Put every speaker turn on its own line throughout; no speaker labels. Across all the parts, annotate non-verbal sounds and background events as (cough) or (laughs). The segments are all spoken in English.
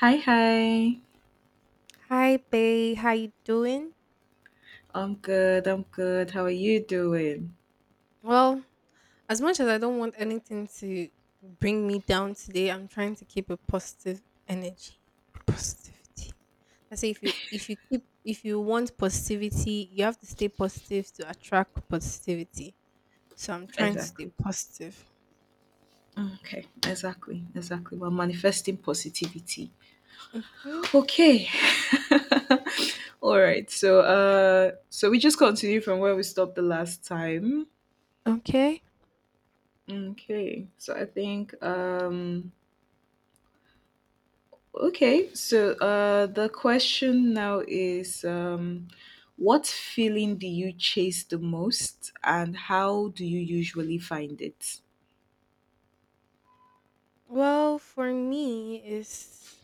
Hi, hi.
Hi, Bay. How you doing?
I'm good. I'm good. How are you doing?
Well, as much as I don't want anything to bring me down today, I'm trying to keep a positive energy, positivity. I say if you want positivity, you have to stay positive to attract positivity. So I'm trying to stay
Exactly.
positive.
Okay. Exactly. Exactly. We're manifesting positivity.
Hmm
Okay. (laughs) All right. So we just continue from where we stopped the last time.
Okay.
Okay. So I think, okay. So, the question now is, what feeling do you chase the most, and how do you usually find it?
Well, for me, is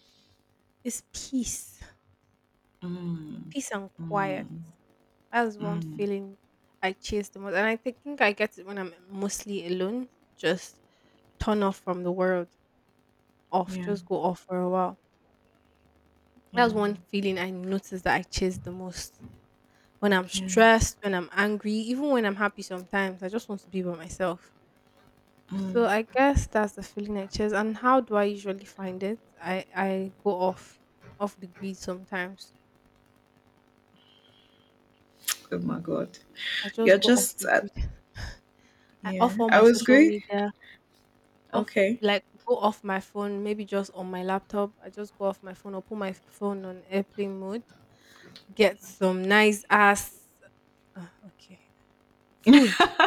peace,
Mm.
peace and quiet.
Mm,
That's one
mm,
feeling I chase the most, and I think I get it when I'm mostly alone. Just turn off from the world, off,
yeah,
just go off for a while.
yeah,
That's one feeling I notice that I chase the most. When I'm
yeah.
stressed, when I'm angry, even when I'm happy sometimes, I just want to be by myself. So I guess that's the feeling I chase. And how do I usually find it? I go off the grid sometimes.
Oh my God.
I
You're
just go off
just,
the grid. I
yeah.
off all
I
my
was
social
good.
media. Off
Okay.
like go off my phone, maybe just on my laptop. I just go off my phone or put my phone on airplane mode, get some nice ass uh, okay,
(laughs)
food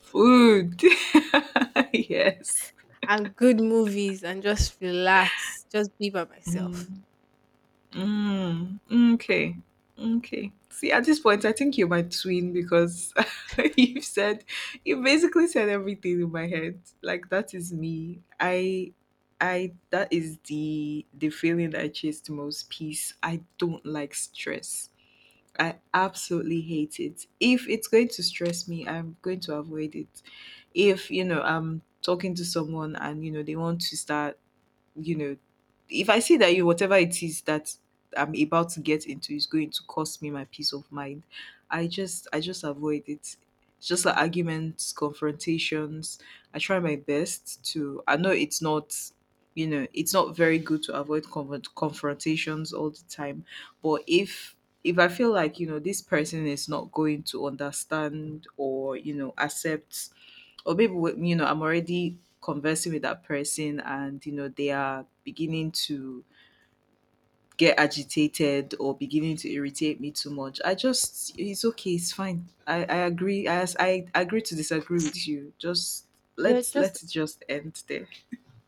Food. (laughs) Yes.
and good movies and just relax, just be by myself.
Mm, mm, okay. Okay. See, at this point, I think you're my twin because (laughs) you've said, you basically said everything in my head. Like that is me. I That is the feeling that I chase the most. Peace. I don't like stress. I absolutely hate it. If it's going to stress me, I'm going to avoid it. If, I'm talking to someone, and, they want to start. you know, if I see that you whatever it is that I'm about to get into is going to cost me my peace of mind, I just avoid it. It's just like arguments, confrontations. I try my best to. I know it's not very good to avoid confrontations all the time, but if I feel like this person is not going to understand or accept, or maybe I'm already conversing with that person, and they are beginning to get agitated or beginning to irritate me too much. I just it's okay, it's fine. I agree, I agree to disagree with you. just
You're
let's
just,
let's just end there.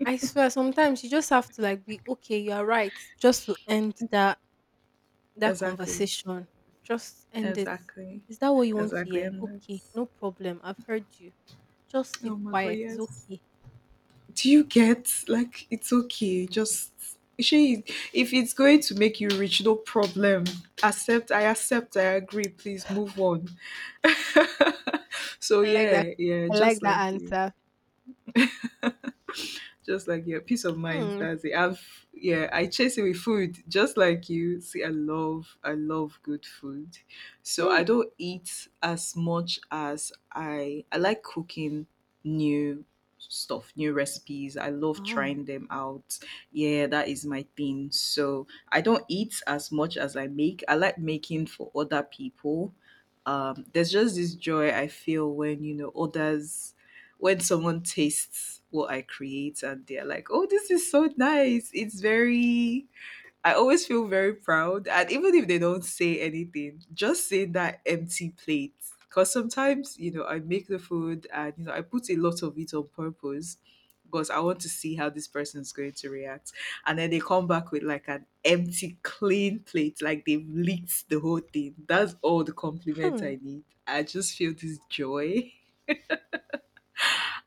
I swear sometimes you just have to like be okay, you are right. Just to end that
Exactly.
conversation. Just end it.
Exactly.
Is that what you want to
Exactly.
hear?
And
Okay,
that's...
no problem. I've heard you. Just
Oh
keep
my God,
quiet. It's
yes.
okay.
Do you get? Like, it's okay. Just she, if it's going to make you rich, no problem. Accept. I accept. I agree. Please move on. (laughs) So
I like that.
yeah, yeah,
I like that answer.
just like your peace of mind.
Hmm.
That's it. I've Yeah, I chase it with food, just like you. See, I love good food, so
Hmm.
I don't eat as much as I like cooking new stuff, new recipes. I love
Wow.
trying them out. Yeah, that is my thing. So I don't eat as much as I make. I like making for other people. There's just this joy I feel when you know others when someone tastes what I create, and they're like, oh, this is so nice. I always feel very proud. And even if they don't say anything, just seeing that empty plate. Because sometimes, I make the food and, I put a lot of it on purpose because I want to see how this person's going to react. And then they come back with like an empty, clean plate, like they've licked the whole thing. That's all the compliment
Hmm.
I need. I just feel this joy. (laughs)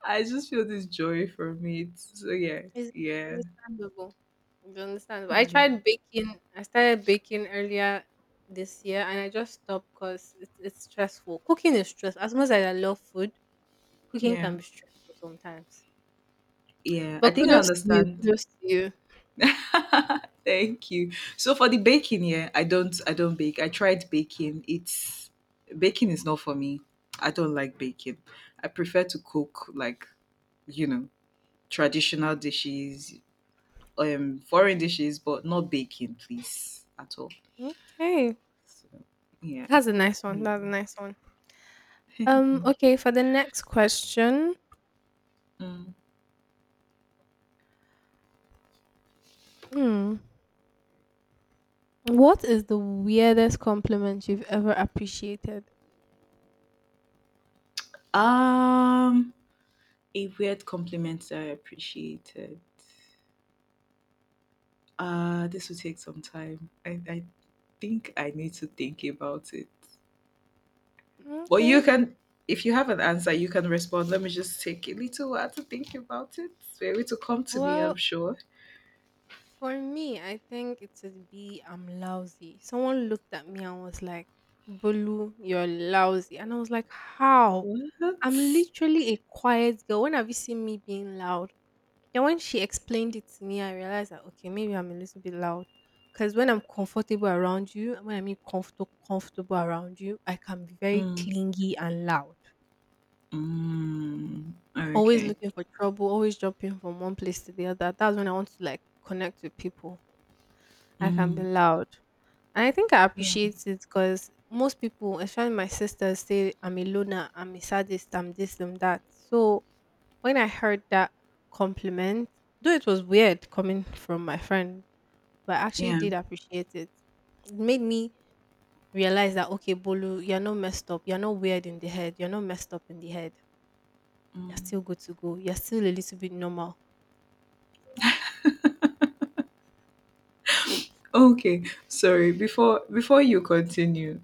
I just feel this joy from it. So yeah,
It's
yeah,
understandable. It's understandable. I
yeah,
tried baking. I started baking earlier this year, and I just stopped because it's stressful. Cooking is stress. As much as I love food, cooking
yeah,
can be stressful sometimes.
yeah. I
But
think I
kudos to you.
understand.
Kudos to you.
(laughs) Thank you. So for the baking, yeah, I don't bake. I tried baking. It's baking is not for me. I don't like baking. I prefer to cook you know traditional dishes, foreign dishes, but not baking, please, at all.
Okay,
So yeah,
that's a nice one.
yeah.
That's a nice one.
(laughs) Thank you.
Okay. For the next question,
Mm.
hmm, what is the weirdest compliment you've ever appreciated?
Um. A weird compliment that I appreciated. This will take some time. I think I need to think about it. But you
Okay.
can, if you have an answer, you can respond. Let me just take a little while to think about it. You able to come to me, I'm
Well,
sure.
for me, I think it would be I'm lousy. Someone looked at me and was like, Bulu, you're lousy. And I was like, how? I'm
What?
literally a quiet girl. When have you seen me being loud? Then when she explained it to me, I realized that okay, maybe I'm a little bit loud. Because when I'm comfortable around you, when I mean comfortable around you, I can be very
Mm,
clingy and loud.
mm,
Always
okay.
looking for trouble, always jumping from one place to the other. That's when I want to like connect with people. I can
Mm,
be loud. And I think I
yeah,
appreciate it because most people, especially my sisters, say I'm a loner, I'm a sadist, I'm this, I'm that. So when I heard that compliment, though it was weird coming from my friend, but I actually
yeah.
did appreciate it. It made me realize that okay, Bolu, you're not messed up, you're not weird in the head, you're not messed up in the head. You're
Mm.
still good to go. You're still a little bit normal.
Okay, sorry. Before you continue,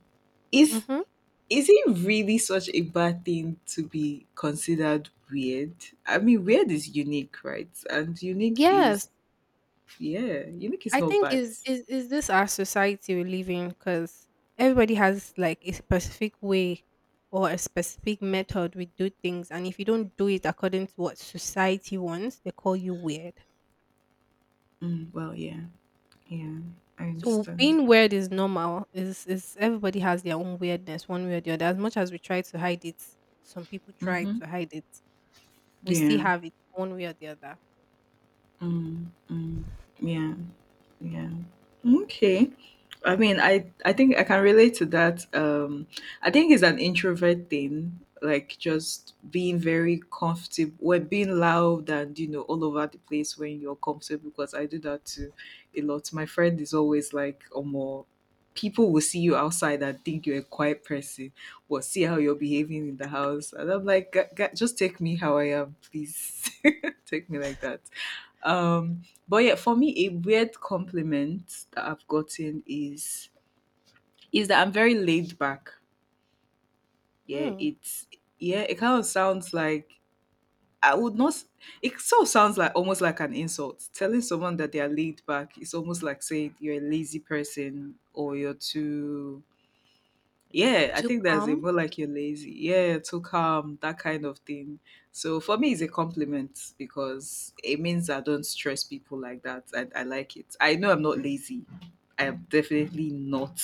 is
Mm-hmm.
Is it really such a bad thing to be considered weird? I mean, weird is unique, right? And unique is,
Yes,
yeah, unique is
I
not
think
bad.
is this our society we live in? Because everybody has like a specific way or a specific method we do things, and if you don't do it according to what society wants, they call you weird.
Mm, well, yeah, yeah, I
So
understand.
being weird is normal. Is Everybody has their own weirdness, one way or the other. As much as we try to hide it, some people try
Mm-hmm.
to hide it. We still
Yeah.
have it one way or the other.
Mm, mm, yeah. Yeah. Okay. I mean, I think I can relate to that. I think it's an introvert thing, like just being very comfortable, when being loud and all over the place when you're comfortable. Because I do that too a lot. My friend is always like, "Oh, more people will see you outside and think you're a quiet person, but see how you're behaving in the house." And I'm like, "Just take me how I am, please. (laughs) take me like that." um but yeah, for me, a weird compliment that I've gotten is that I'm very laid back. Yeah,
Mm.
it's yeah, it kind of sounds like I would not. It sort of sounds like almost like an insult. Telling someone that they are laid back is almost like saying you're a lazy person or you're too. Yeah, I
To
think that's it. More like you're lazy. Yeah, too calm, that kind of thing. So for me, it's a compliment because it means I don't stress people like that. I like it. I know I'm not lazy. I am definitely not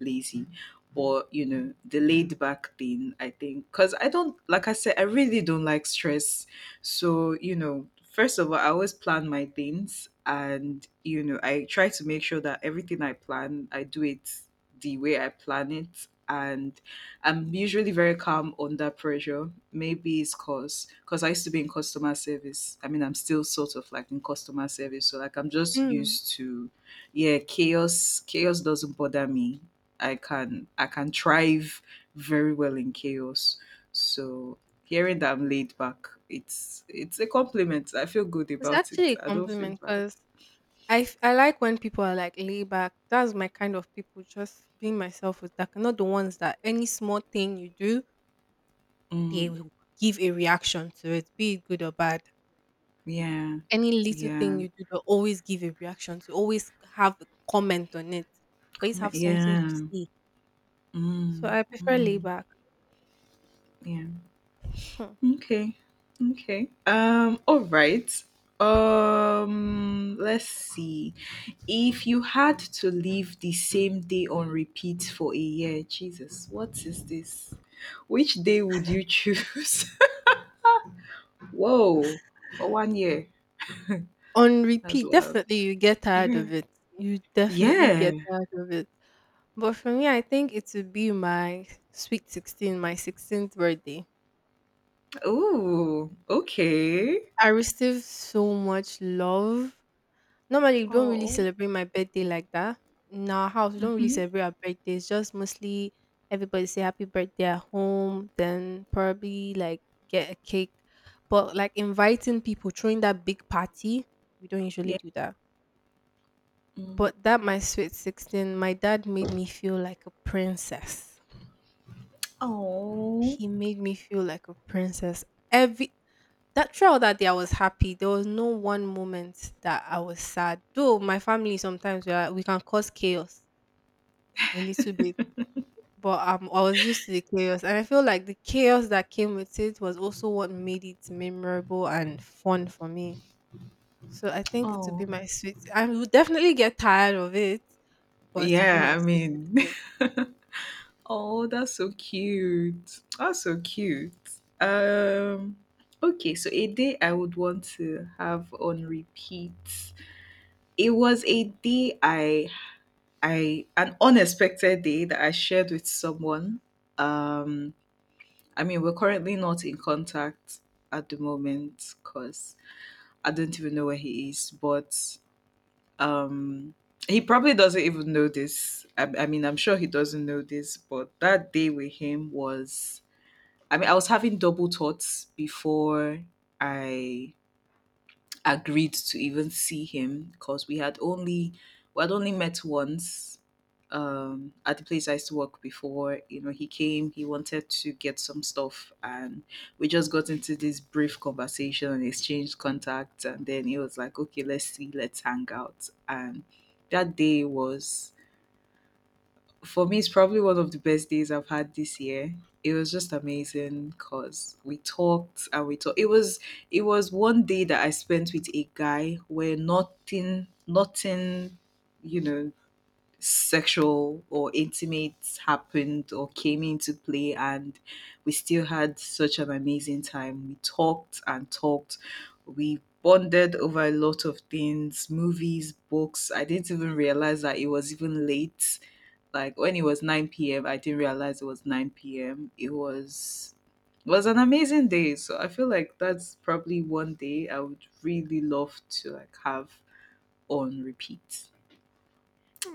lazy. But, the laid back thing, I think, because I don't, like I said, I really don't like stress. So, first of all, I always plan my things, and, I try to make sure that everything I plan, I do it the way I plan it. And I'm usually very calm under pressure. Maybe it's cause because I used to be in customer service. I mean, I'm still sort of like in customer service. So like I'm just
calm.
used to, yeah, chaos. Chaos doesn't bother me. I can thrive very well in chaos. So hearing that I'm laid back, it's a compliment. I feel good
It's
about it.
actually a
I don't feel
compliment
bad.
because I like when people are like laid back. That's my kind of people, just being myself with that. Not the ones that any small thing you do, they
Mm,
will give a reaction to it, be it good or bad.
yeah.
Any little
Yeah.
thing you do, they'll always give a reaction to, always have a comment on it, always
Comment.
have something
Yeah.
to say. So
Mm,
I prefer laid
mm,
back.
yeah.
Hmm.
Okay. Okay. All right. Let's see. If you had to live the same day on repeat for a year, Jesus, what is this? Which day would you choose? (laughs) Whoa, for one year
On
as
repeat,
well.
definitely you get tired
Yeah.
of it. You definitely
Yeah.
get tired of it. But for me, I think it would be my sweet 16, my 16th birthday.
Oh, okay.
I received so much love. Normally, we don't really
Oh.
celebrate my birthday like that. In our house, we don't really
Mm-hmm.
celebrate our birthdays. Just mostly everybody say happy birthday at home, then probably like get a cake. But like inviting people, throwing that big party, we don't usually
Yeah.
do that.
Mm.
But that my sweet 16, my dad made me feel like a princess.
Oh.
He made me feel like a princess. Every that throughout that day, I was happy. There was no one moment that I was sad. Though my family sometimes we can cause chaos a little bit, but I was used to the chaos, and I feel like the chaos that came with it was also what made it memorable and fun for me. So I think it would be
Oh.
my sweet. I would definitely get tired of it, but it would be
Yeah,
my
I
sweet
mean,
16.
(laughs) Oh, that's so cute. That's so cute. Um okay, so a day I would want to have on repeat. It was a day I an unexpected day that I shared with someone. Um I mean, we're currently not in contact at the moment, cuz I don't even know where he is, but um he probably doesn't even know this. I mean, I'm sure he doesn't know this, but that day with him was I mean, I was having double thoughts before I agreed to even see him, because we had only met once, at the place I used to work before. He came, he wanted to get some stuff, and we just got into this brief conversation and exchanged contacts, and then he was like, "Okay, let's see, let's hang out." And that day was for me, it's probably one of the best days I've had this year. It was just amazing because we talked and we talked. It was one day that I spent with a guy where nothing you know sexual or intimate happened or came into play. And we still had such an amazing time. We talked and talked. We bonded over a lot of things, movies, books. I didn't even realize that it was even late. Like, when it was 9 p.m. I didn't realize it was 9 p.m. It was an amazing day. So I feel like that's probably one day I would really love to have on repeat.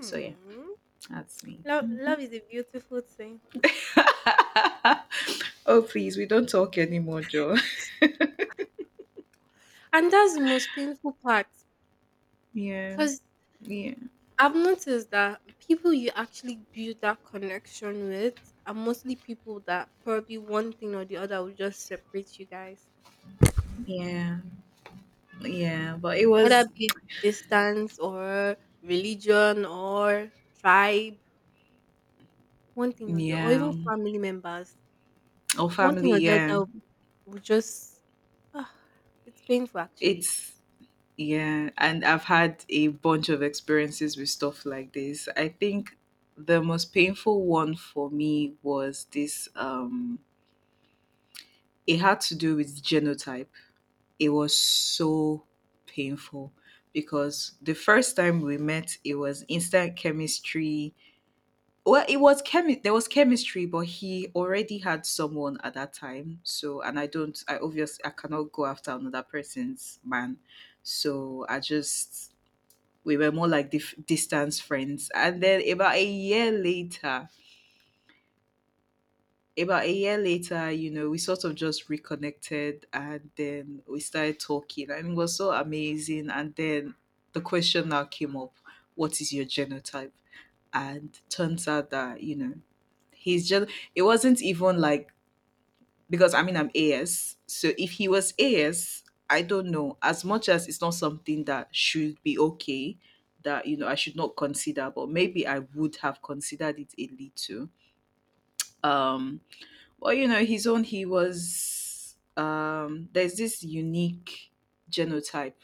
So yeah, that's me.
Love,
Mm.
love is a beautiful thing,
(laughs) Oh, please, we don't talk anymore, Joe.
and that's the most painful part,
Yeah,
because
yeah,
I've noticed that people you actually build that connection with are mostly people that probably one thing or the other will just separate you guys,
yeah, yeah. But it
whether
was
be it distance or religion or tribe, one thing or the or even
yeah.
family members,
Our
one
family,
thing or the
yeah.
other will just ah, it's painful actually.
It's Yeah, and I've had a bunch of experiences with stuff like this. I think the most painful one for me was this it had to do with genotype. It was so painful because the first time we met, it was instant chemistry. Well, there was chemistry, but he already had someone at that time. So, and I obviously, I cannot go after another person's man. So, we were more like distance friends. And then about a year later, we sort of just reconnected, and then we started talking, and it was so amazing. And then the question now came up, what is your genotype? And turns out that, He's just it wasn't even like, because I mean I'm AS. So if he was AS, I don't know. As much as it's not something that should be okay, that I should not consider, but maybe I would have considered it a little. Um well, his own, he was there's this unique genotype.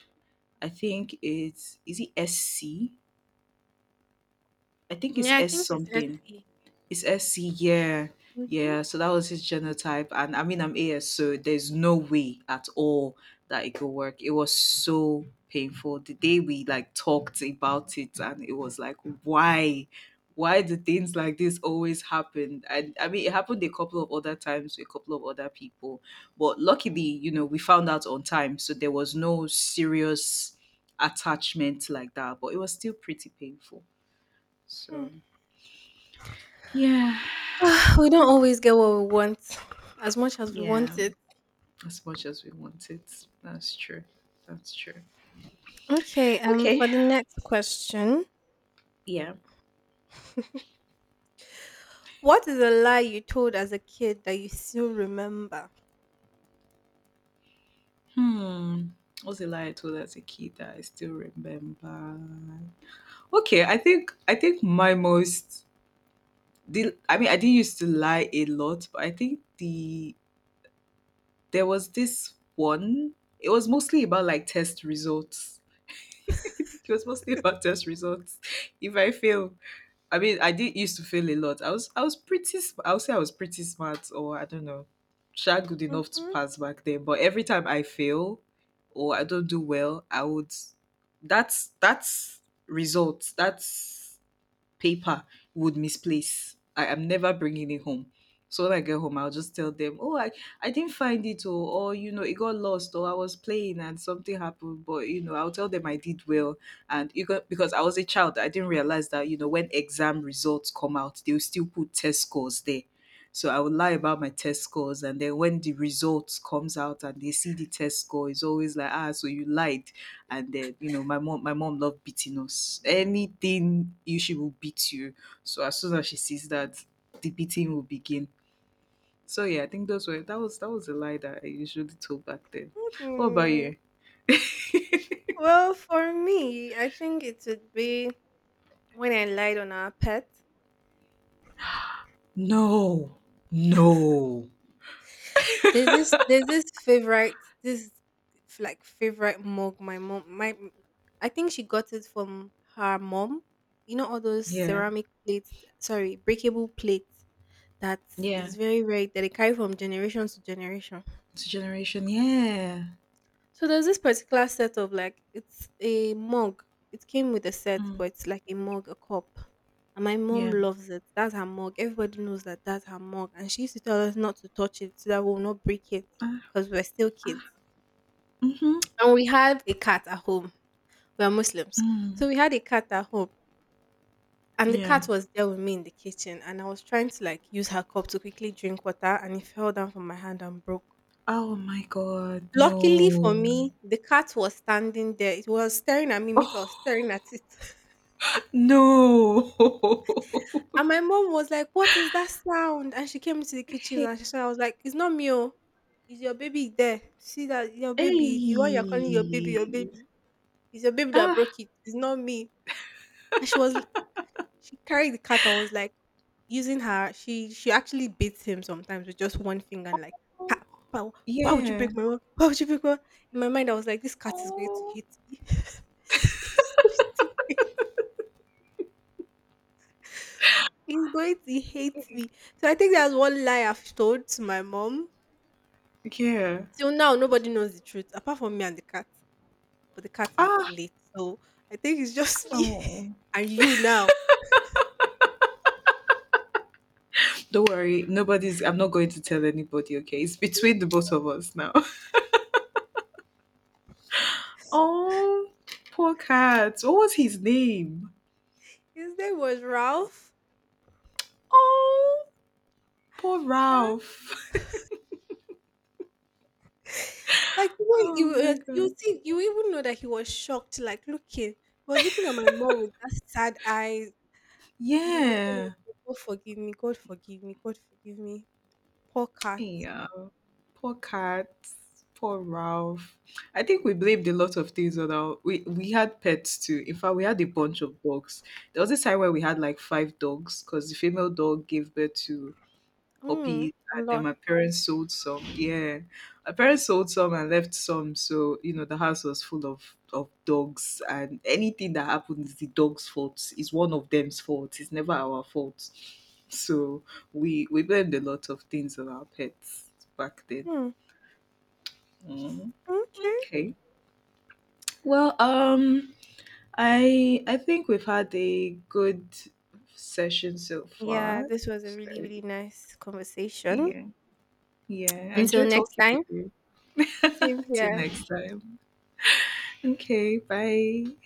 I think it's is it SC? I think it's
Yeah, I
S
think it's
something.
earthy.
It's SC, yeah.
Mm-hmm.
Yeah, so that was his genotype. And I mean, I'm AS, so there's no way at all that it could work. It was so painful. The day we talked about it, and it was like, why? Why do things like this always happen? And I mean, it happened a couple of other times with a couple of other people. But luckily, we found out on time. So there was no serious attachment like that. But it was still pretty painful. So, yeah.
We don't always get what we want as much as we want
Yeah.
it.
As much as we want it. That's true. That's true.
Okay,
Okay.
for the next question.
Yeah.
What is a lie you told as a kid that you still remember?
Hmm. What's the lie I told as a kid that I still remember? Okay, I think my most the I mean I didn't used to lie a lot, but I think the there was this one. It was mostly about like test results. (laughs) I think it was mostly about test results. If I fail, I mean, I did used to fail a lot. I was pretty. I would say I was pretty smart, or I don't know, sha good enough to
Hmm
pass back then. But every time I fail, or I don't do well, I would. That's results. That's paper would misplace. I am never bringing it home. So when I get home, I'll just tell them, "Oh, I didn't find it, or you know, it got lost, or I was playing and something happened." But you know, I'll tell them I did well, and you got because I was a child, I didn't realize that you know when exam results come out, they'll still put test scores there. So I would lie about my test scores, and then when the results comes out and they see the test score, it's always like, "Ah, so you lied." And then you know my mom loved beating us. Anything you she will beat you. So as soon as she sees that, the beating will begin. So yeah, I think those were that was a lie that I usually told back then. What about you?
Well, for me, I think it would be when I lied on our pet.
No, no.
There's this favorite mug my mom my m- I think she got it from her mom. You know all those
Yeah,
ceramic plates, sorry, breakable plates that
yeah,
is very rare that they carry from generation to generation.
it's a generation, yeah.
So there's this particular set of like it's a mug. It came with a set,
Mm,
but it's like a mug, a cup. And my mom
yeah.
loves it. That's her mug. Everybody knows that that's her mug. And she used to tell us not to touch it so that we'll not break it
Ah,
because we're still kids.
ah, mm-hmm,
And we had a cat at home. We are Muslims.
mm,
So we had a cat at home. And the
yeah.
cat was there with me in the kitchen. And I was trying to like use her cup to quickly drink water. And it fell down from my hand and broke.
Oh my god, no.
Luckily for me, the cat was standing there. It was staring at me. Me too, I was
(laughs)
staring at it. (laughs)
No.
And my mom was like, what is that sound? And she came into the kitchen
(laughs)
and she said, I was like, it's not me. Oh. Is your baby there? See that your baby, the one you're calling your baby, your
Hey.
baby. It's your baby that
Ah,
broke it. It's not me. And she was, she carried the cat and was like using her, she actually beats him sometimes with just one finger and like, "Pa- pa, why would you break
yeah.
my rule? Why would you break my rule?" In my mind I was like, this cat is going to
Oh.
hate me. (laughs) he's, going to, he's going to hate me. So I think that's one lie I've told to my mom.
Yeah.
Till now nobody knows the truth apart from me and the cat. But the cat is
Ah,
late. So I think it's just me
oh.
(laughs) and you now. (laughs)
Don't worry. Nobody's, I'm not going to tell anybody, okay? It's between the both of us now. (laughs) Oh, poor cat. What was his name?
His name was Ralph.
Oh, poor Ralph. (laughs)
Like the way you
Oh my
was, you
god.
see, you even know that he was shocked, like looking, he was looking at my mom with that sad eye and my mom was
Yeah.
like, God forgive me, God forgive me, God forgive me. Poor cat.
Yeah. Poor cats, poor Ralph. I think we blamed a lot of things on our. We had pets too. In fact, we had a bunch of dogs. There was this time where we had like five dogs because the female dog gave birth to
Mm,
puppies,
a
and then
lot.
my parents sold some. Yeah, my parents sold some and left some, so you know the house was full of dogs. And anything that happens is the dog's fault. It's one of them's fault. It's never our fault. So we blamed a lot of things on our pets back then.
Mm,
Mm.
okay.
Okay. Well, I think we've had a good session so
Yeah,
far.
this was a
So
really, really nice conversation.
yeah, yeah, I
Until
enjoyed
next
talking with
time.
you.
Same
(laughs) Till
here.
next time. Okay, bye.